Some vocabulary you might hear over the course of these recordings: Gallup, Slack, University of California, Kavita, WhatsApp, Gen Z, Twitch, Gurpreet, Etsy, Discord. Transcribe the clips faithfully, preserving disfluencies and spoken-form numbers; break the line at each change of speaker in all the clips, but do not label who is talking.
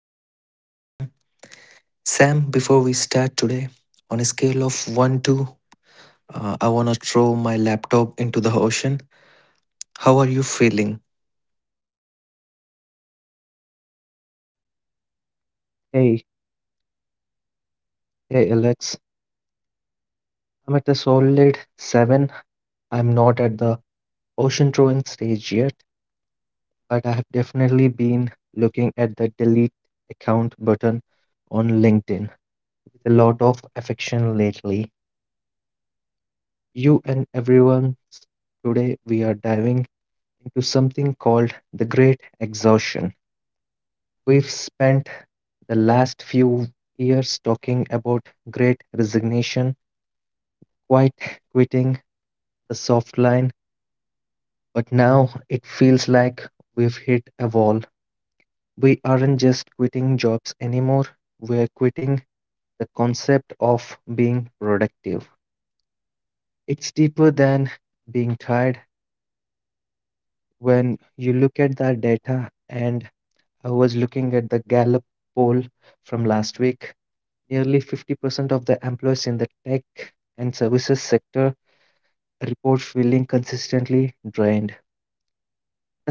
I'm joined by Sam. Sam, before we start today, on a scale of one to uh, I want to throw my laptop into the ocean, how are you feeling?
Hey, hey Alex, I'm at a solid seven. I'm not at the ocean throwing stage yet, but I have definitely been looking at the delete account button on LinkedIn with a lot of affection lately. You and everyone, today we are diving into something called the Great Exhaustion. We've spent the last few years talking about great resignation, quiet quitting, the soft But now it feels like we've hit a wall. We aren't just quitting jobs anymore, we're quitting the concept of being productive. It's deeper than being tired. When you look at the data, and I was looking at the Gallup poll from last week, nearly fifty percent of the employees in the tech and services sector report feeling consistently drained.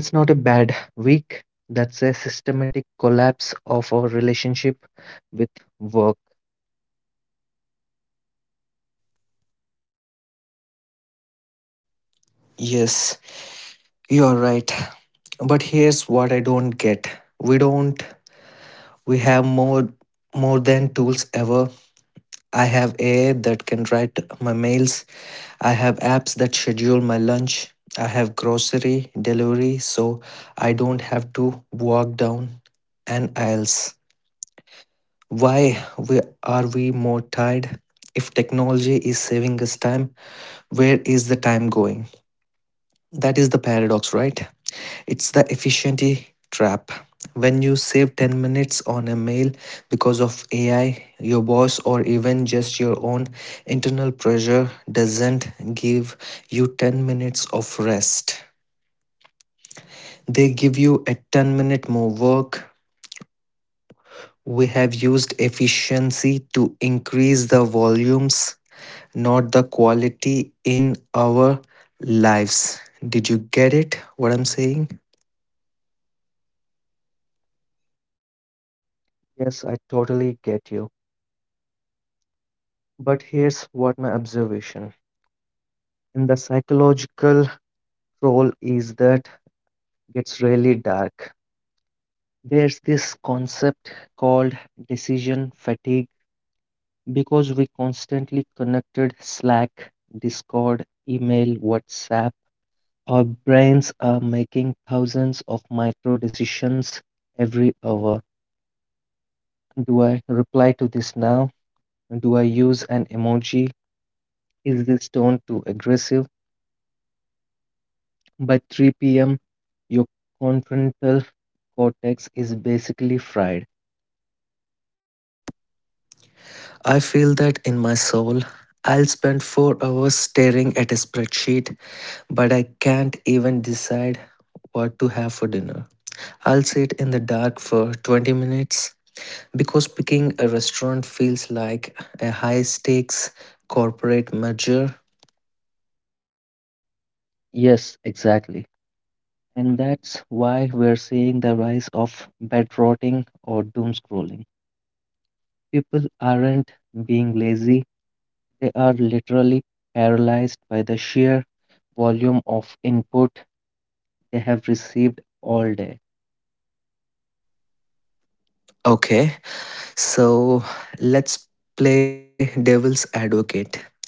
That's not a bad week. That's a systematic collapse of our relationship with work.
Yes, you are right. But here's what I don't get. We don't we have more more than tools ever. I have A I that can write my mails. I have apps that schedule my lunch. I have grocery delivery so I don't have to walk down an aisles. Why we are we more tired? If technology is saving us time, where is the time going? That is the paradox, right? It's the efficiency trap. When you save ten minutes on a mail because of A I, your boss, or even just your own internal pressure doesn't give you ten minutes of rest. They give you a ten minute more work. We have used efficiency to increase the volumes, not the quality in our lives. Did you get it? What I'm saying?
Yes, I totally get you. But here's what my observation in the psychological role is that gets really dark. There's this concept called decision fatigue because we constantly connected Slack, Discord, email, WhatsApp. Our brains are making thousands of micro decisions every hour. Do I reply to this now? Do I use an emoji? Is this tone too aggressive? By three p m, your confrontal cortex is basically fried.
I feel that in my soul. I'll spend four hours staring at a spreadsheet, but I can't even decide what to have for dinner. I'll sit in the dark for twenty minutes because picking a restaurant feels like a high stakes corporate merger.
Yes, exactly. And that's why we're seeing the rise of bed rotting or doom scrolling. People aren't being lazy, they are literally paralyzed by the sheer volume of input they have received all day.
Okay, so let's play devil's advocate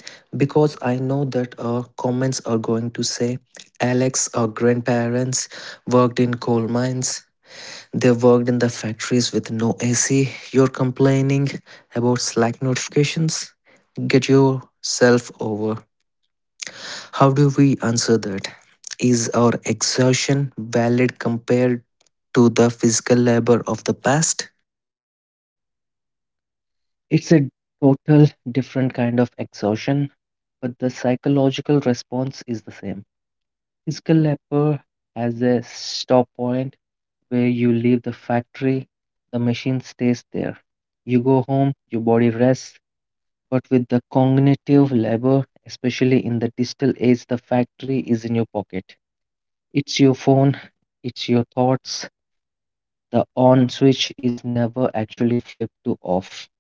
because I know that our comments are going to say Alex, our grandparents worked in coal mines. They worked in the factories with no A C. You're complaining about Slack notifications? Get yourself over. How do we answer that? Is our exhaustion valid compared to the physical labor of the past?
It's a total different kind of exhaustion, but the psychological response is the same. Physical labor has a stop point where you leave the factory, the machine stays there. You go home, your body rests, but with the cognitive labor, especially in the digital age, the factory is in your pocket. It's your phone, it's your thoughts. The on switch is never actually flipped to off.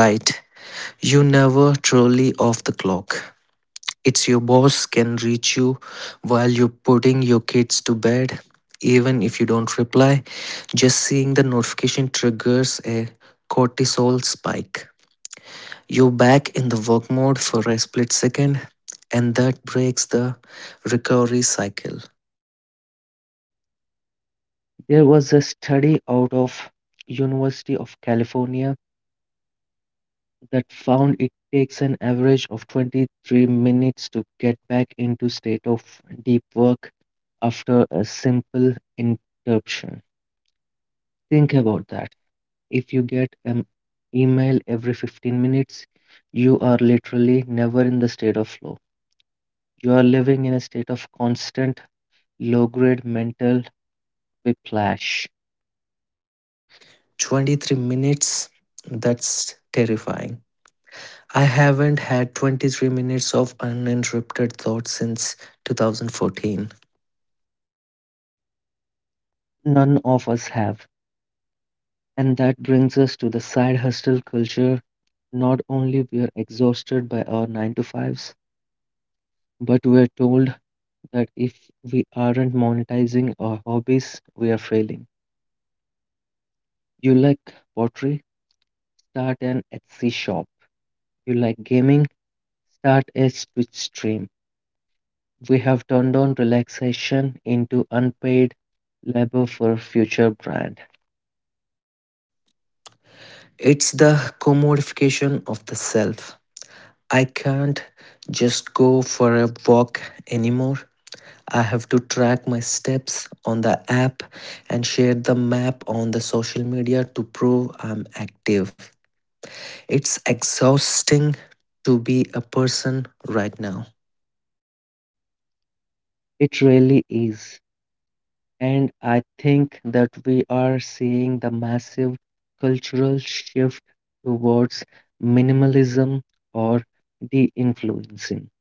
Right. You never truly off the clock. It's your boss can reach you while you're putting your kids to bed. Even if you don't reply, just seeing the notification triggers a cortisol spike. You back in the work mode for a split second, and that breaks the recovery cycle.
There was a study out of University of California that found it takes an average of twenty-three minutes to get back into state of deep work after a simple interruption. Think about that. If you get an email every fifteen minutes, you are literally never in the state of flow. You are living in a state of constant low grade mental whiplash.
twenty-three minutes, that's terrifying. I haven't had twenty-three minutes of uninterrupted thought since two thousand fourteen.
None of us have. And that brings us to the side hustle culture. Not only we are exhausted by our nine to fives, but we are told that if we aren't monetizing our hobbies, we are failing. You like pottery? Start an Etsy shop. You like gaming? Start a Twitch stream. We have turned on relaxation into unpaid labor for future brand.
It's the commodification of the self. I can't just go for a walk anymore. I have to track my steps on the app and share the map on the social media to prove I'm active. It's exhausting to be a person right now,
It really is. And I think that we are seeing the massive cultural shift towards minimalism or de influencing.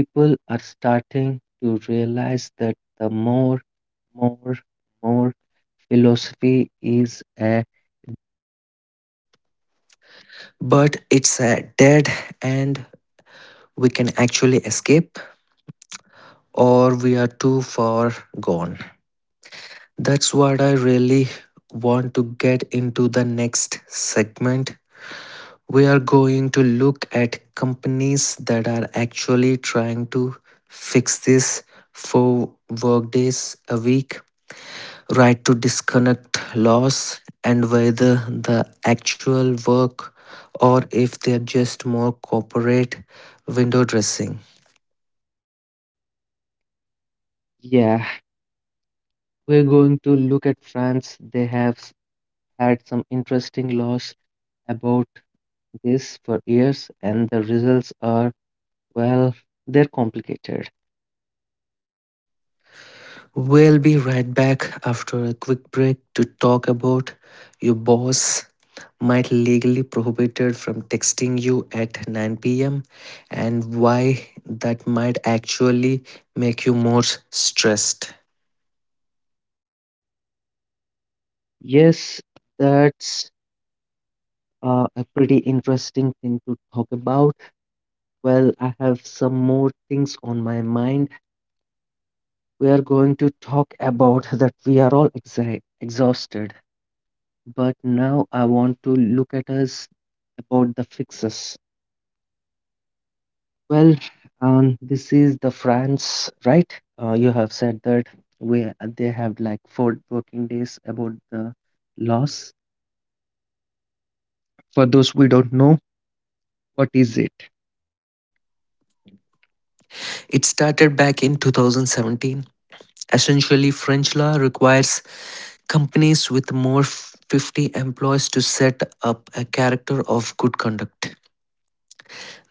People are starting to realize that the more, more, more philosophy is a
but it's uh, dead and we can actually escape or we are too far gone. That's what I really want to get into the next segment. We are going to look at companies that are actually trying to fix this four workdays a week, right to disconnect laws, and whether the actual work or if they're just more corporate window dressing.
yeah. We're going to look at France. They have s- had some interesting laws about this for years, and the results are, well, they're complicated.
We'll be right back after a quick break to talk about your boss might legally prohibited from texting you at nine p m and why that might actually make you more stressed.
Yes, that's uh, a pretty interesting thing to talk about. Well, I have some more things on my mind. We are going to talk about that we are all exi exhausted, but now I want to look at us about the fixes. Well, um, this is the France, right? Uh, you have said that we they have like four working days about the loss. For those we don't know, what is it?
It started back in two thousand seventeen. Essentially, French law requires companies with more fifty employees to set up a character of good conduct.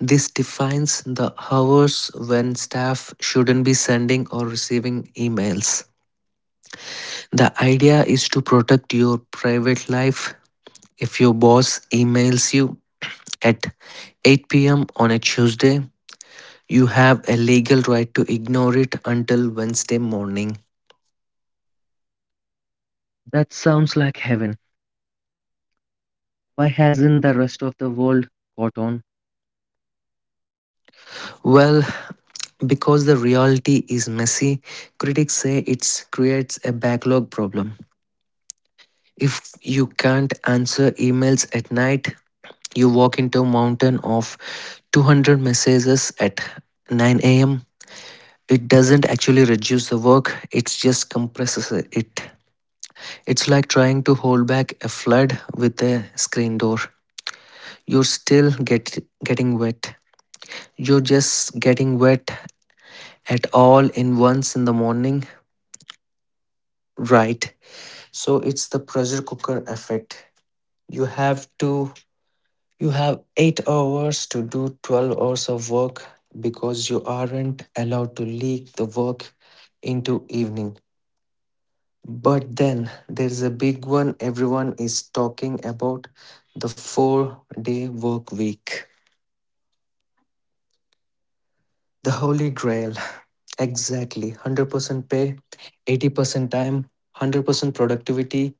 This defines the hours when staff shouldn't be sending or receiving emails. The idea is to protect your private life. If your boss emails you at eight p m on a Tuesday, you have a legal right to ignore it until Wednesday morning.
That sounds like heaven. Why hasn't the rest of the world caught on?
Well, because the reality is messy, critics say it creates a backlog problem. If you can't answer emails at night, you walk into a mountain of two hundred messages at nine a m. It doesn't actually reduce the work, it just compresses it. It's like trying to hold back a flood with a screen door. You're still get, getting wet. You're just getting wet at all in once in the morning, right? So it's the pressure cooker effect. You have to You have eight hours to do twelve hours of work because you aren't allowed to leak the work into evening. But then there's a big one everyone is talking about the four day work week. The holy grail. Exactly. one hundred percent pay, eighty percent time, one hundred percent productivity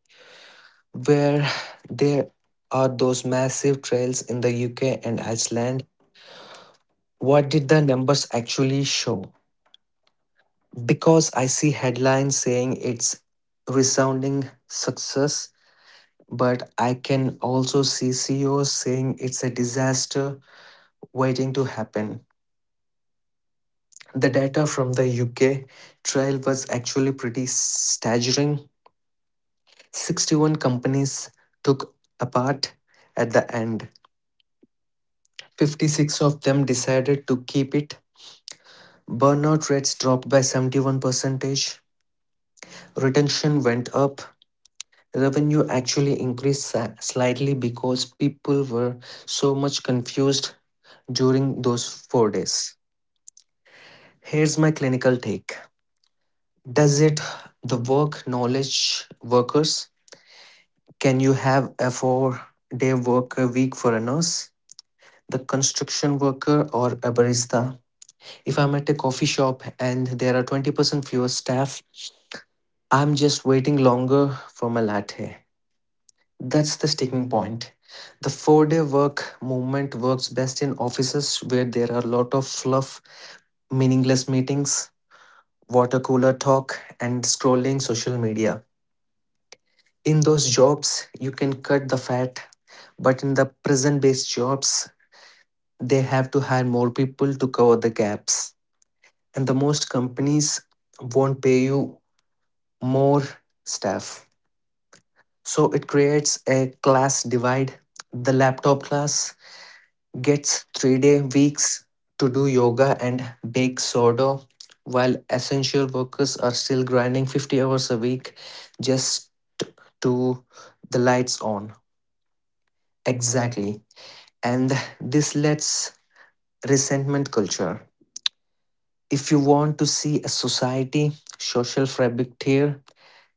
where there are those massive trails in the U K and Iceland. What did the numbers actually show? Because I see headlines saying it's resounding success, but I can also see C E Os saying it's a disaster waiting to happen. The data from the U K trial was actually pretty staggering. sixty-one companies took apart at the end. fifty-six of them decided to keep it. Burnout rates dropped by seventy-one percentage. Retention went up. Revenue actually increased sa- slightly because people were so much confused during those four days. Here's my clinical take. Does it the work knowledge workers? Can you have a four day work a week for a nurse? The construction worker or a barista? If I'm at a coffee shop and there are twenty percent fewer staff, I'm just waiting longer for my latte. That's the sticking point. The four day work movement works best in offices where there are a lot of fluff, meaningless meetings, water cooler talk, and scrolling social media. In those jobs, you can cut the fat, but in the present based jobs, they have to hire more people to cover the gaps. And the most companies won't pay you more staff. So it creates a class divide, the laptop class gets three day weeks to do yoga and bake soda, while essential workers are still grinding fifty hours a week just to the lights on. Exactly. And this lets resentment culture. If you want to see a society social fabric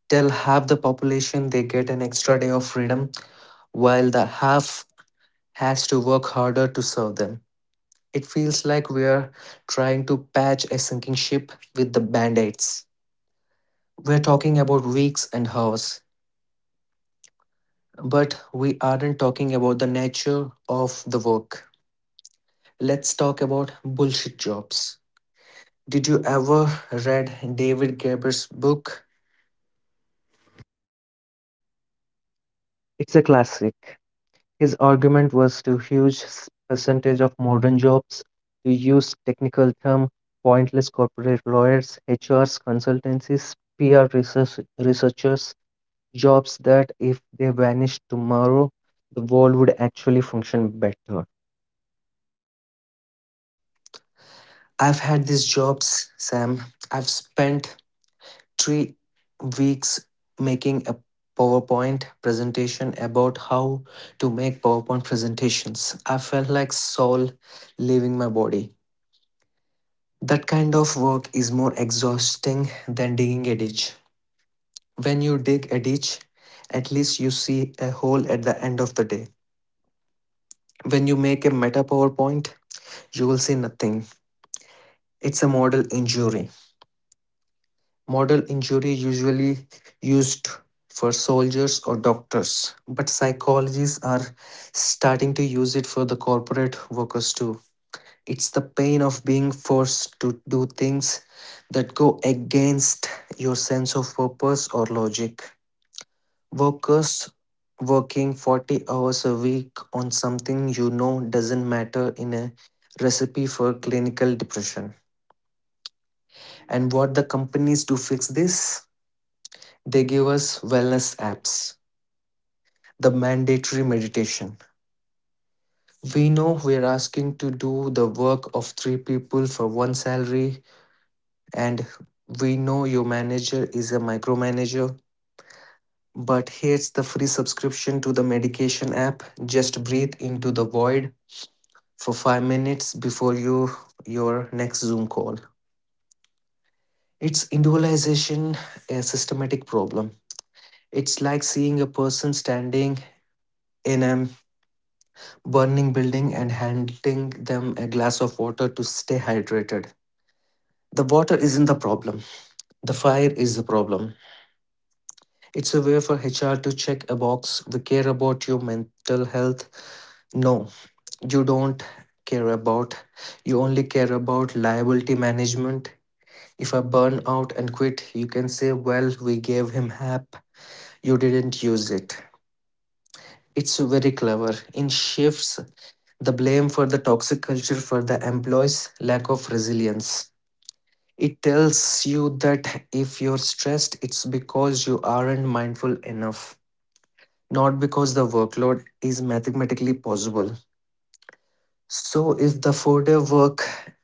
tell half the population they get an extra day of freedom while the half has to work harder to serve them. It feels like we're trying to patch a sinking ship with the band aids. We're talking about weeks and hours, but we aren't talking about the nature of the work. Let's talk about bullshit jobs. Did you ever read David Graeber's book?
It's a classic. His argument was to huge s- percentage of modern jobs, to use technical term, pointless corporate lawyers, H Rs, consultancies, P R research, researchers, jobs that if they vanished tomorrow, the world would actually function better.
I've had these jobs, Sam. I've spent three weeks making a PowerPoint presentation about how to make PowerPoint presentations. I felt like soul leaving my body. That kind of work is more exhausting than digging a ditch. When you dig a ditch, at least you see a hole at the end of the day. When you make a meta PowerPoint, you will see nothing. It's a model injury. Model injury usually used for soldiers or doctors, but psychologists are starting to use it for the corporate workers too. It's the pain of being forced to do things that go against your sense of purpose or logic. Workers working forty hours a week on something you know doesn't matter in a recipe for clinical depression. And what the companies do fix this? They give us wellness apps, the mandatory meditation. We know we're asking to do the work of three people for one salary, and we know your manager is a micromanager. But here's the free subscription to the medication app. Just breathe into the void for five minutes before you your next Zoom call. It's individualization, a systematic problem. It's like seeing a person standing in a burning building and handing them a glass of water to stay hydrated. The water isn't the problem. The fire is the problem. It's a way for H R to check a box. We care about your mental health. No, you don't care about. You only care about liability management. If I burn out and quit, you can say, well, we gave him H A P. You didn't use it. It's very clever. In shifts, the blame for the toxic culture for the employees' lack of resilience. It tells you that if you're stressed, it's because you aren't mindful enough, not because the workload is mathematically possible. So, if the four day work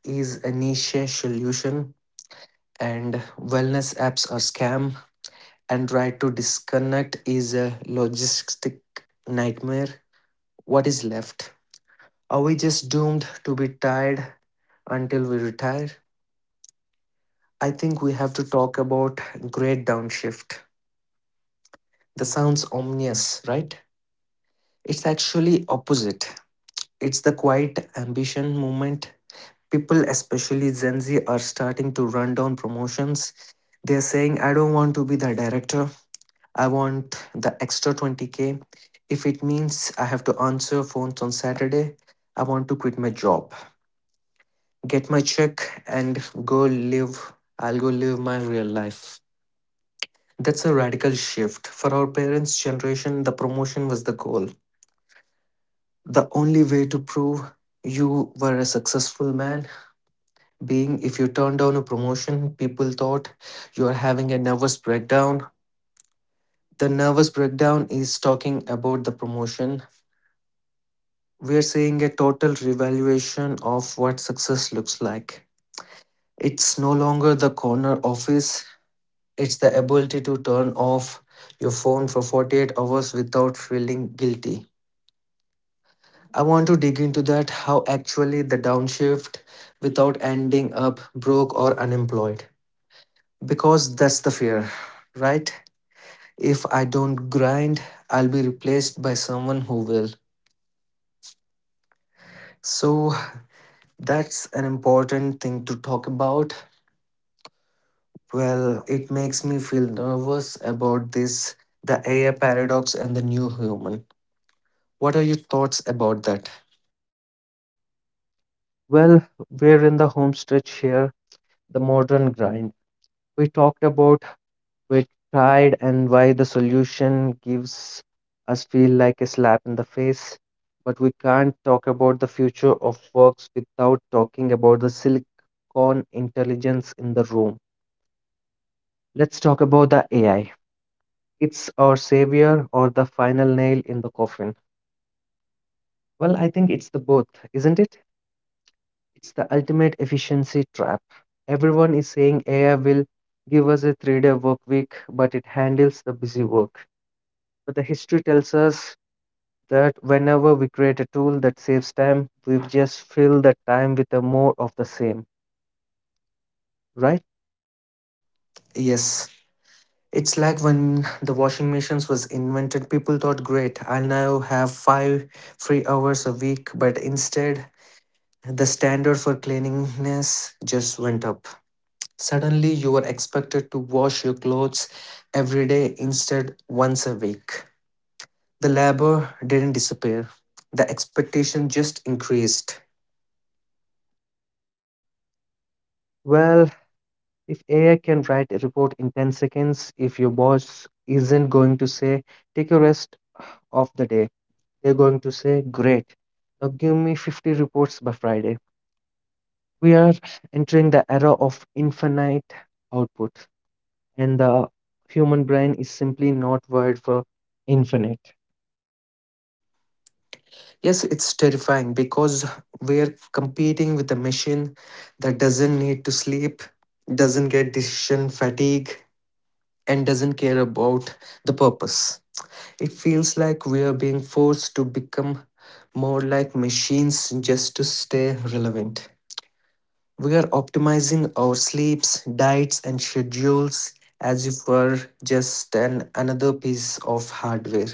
is a niche solution and wellness apps are scam and try to disconnect is a logistic nightmare, what is left? Are we just doomed to be tired until we retire? I think we have to talk about great downshift. That sounds ominous, right? It's actually opposite. It's the quiet ambition movement. People, especially Gen Z, are starting to run down promotions. They're saying, I don't want to be the director. I want the extra twenty k. If it means I have to answer phones on Saturday, I want to quit my job, get my check, and go live. I'll go live my real life. That's a radical shift. For our parents' generation, the promotion was the goal. The only way to prove you were a successful man being if you turned down a promotion, people thought you are having a nervous breakdown. The nervous breakdown is talking about the promotion. We are seeing a total revaluation of what success looks like. It's no longer the corner office, it's the ability to turn off your phone for forty-eight hours without feeling guilty. I want to dig into that how actually the downshift without ending up broke or unemployed. Because that's the fear, right? If I don't grind, I'll be replaced by someone who will. So that's an important thing to talk about. Well, it makes me feel nervous about this the A I paradox and the new human. What are your thoughts about that?
Well, we're in the home stretch here, the modern grind. We talked about we tried and why the solution gives us feel like a slap in the face, but we can't talk about the future of works without talking about the silicon intelligence in the room. Let's talk about the AI. It's our savior or the final nail in the coffin? Well, I think it's the both, isn't it? It's the ultimate efficiency trap. Everyone is saying AI will give us a three day work week but it handles the busy work. But the history tells us that whenever we create a tool that saves time, we've just filled that time with a more of the same, right?
Yes. It's like when the washing machines was invented, people thought, great, I'll now have five free hours a week. But instead, the standard for cleanliness just went up. Suddenly, you were expected to wash your clothes every day instead once a week. The labor didn't disappear. The expectation just increased.
Well, if A I can write a report in ten seconds, if your boss isn't going to say, take a rest of the day, they're going to say, great, now give me fifty reports by Friday. We are entering the era of infinite output, and the human brain is simply not wired for infinite.
Yes, it's terrifying because we're competing with a machine that doesn't need to sleep, doesn't get decision fatigue, and doesn't care about the purpose. It feels like we are being forced to become more like machines just to stay relevant. We are optimizing our sleeps, diets, and schedules as if we're just an another piece of hardware.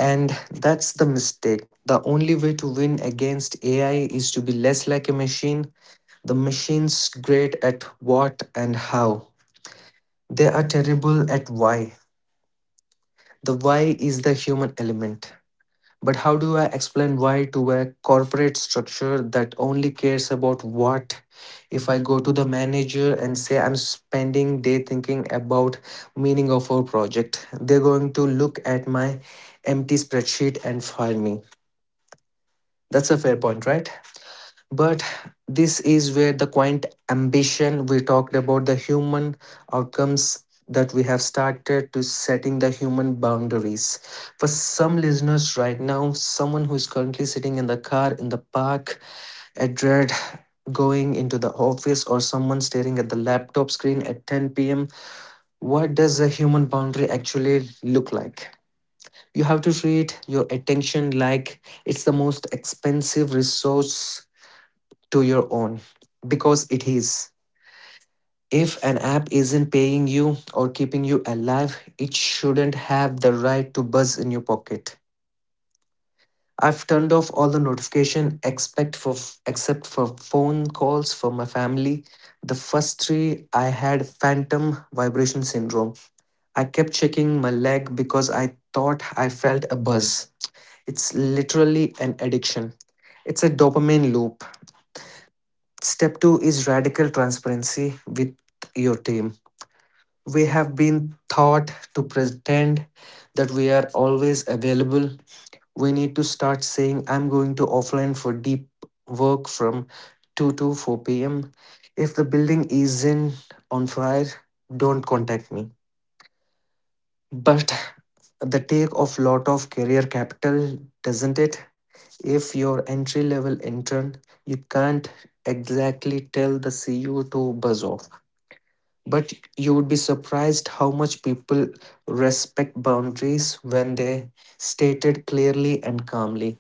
And that's the mistake. The only way to win against A I is to be less like a machine. The machine's great at what and how. They are terrible at why. The why is the human element. But how do I explain why to a corporate structure that only cares about what? If I go to the manager and say I'm spending day thinking about meaning of our project, they're going to look at my empty spreadsheet and fire me. That's a fair point, right? But this is where the quaint ambition we talked about the human outcomes that we have started to setting the human boundaries. For some listeners right now, someone who is currently sitting in the car, in the park, at dread, going into the office, or someone staring at the laptop screen at ten p m, what does a human boundary actually look like? You have to treat your attention like it's the most expensive resource to your own because it is. If an app isn't paying you or keeping you alive, it shouldn't have the right to buzz in your pocket. I've turned off all the notification except for except for phone calls for my family. The first three I had phantom vibration syndrome. I kept checking my leg because I thought I felt a buzz. It's literally an addiction. It's a dopamine loop. Step two is radical transparency with your team. We have been taught to pretend that we are always available. We need to start saying, I'm going to offline for deep work from two to four p m. If the building isn't on fire, don't contact me. But the take off lot of career capital, doesn't it? If you're entry level intern, you can't exactly tell the C E O to buzz off. But you would be surprised how much people respect boundaries when they stated clearly and calmly.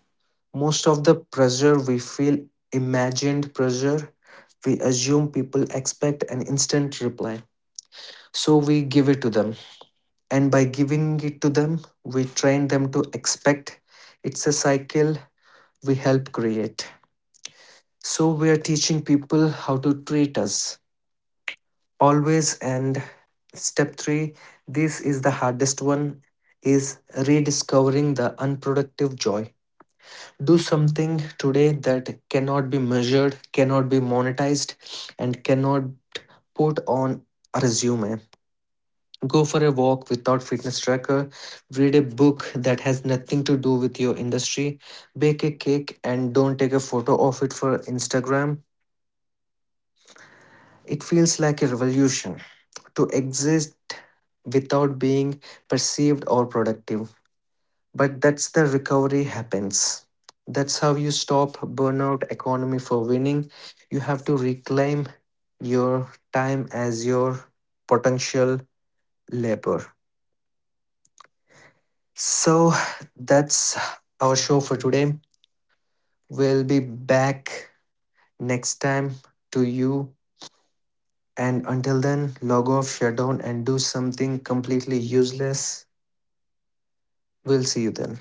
Most of the pressure we feel imagined pressure, we assume people expect an instant reply. So we give it to them. And by giving it to them, we train them to expect. It's a cycle we help create. So we are teaching people how to treat us always, and step three, this is the hardest one, is rediscovering the unproductive joy. Do something today that cannot be measured, cannot be monetized, and cannot put on a resume. Go for a walk without fitness tracker. Read a book that has nothing to do with your industry. Bake a cake and don't take a photo of it for Instagram. It feels like a revolution to exist without being perceived or productive. But that's the recovery happens. That's how you stop burnout economy for winning. You have to reclaim your time as your potential labor. So that's our show for today. We'll be back next time to you. And until then, log off, shut down, and do something completely useless. We'll see you then.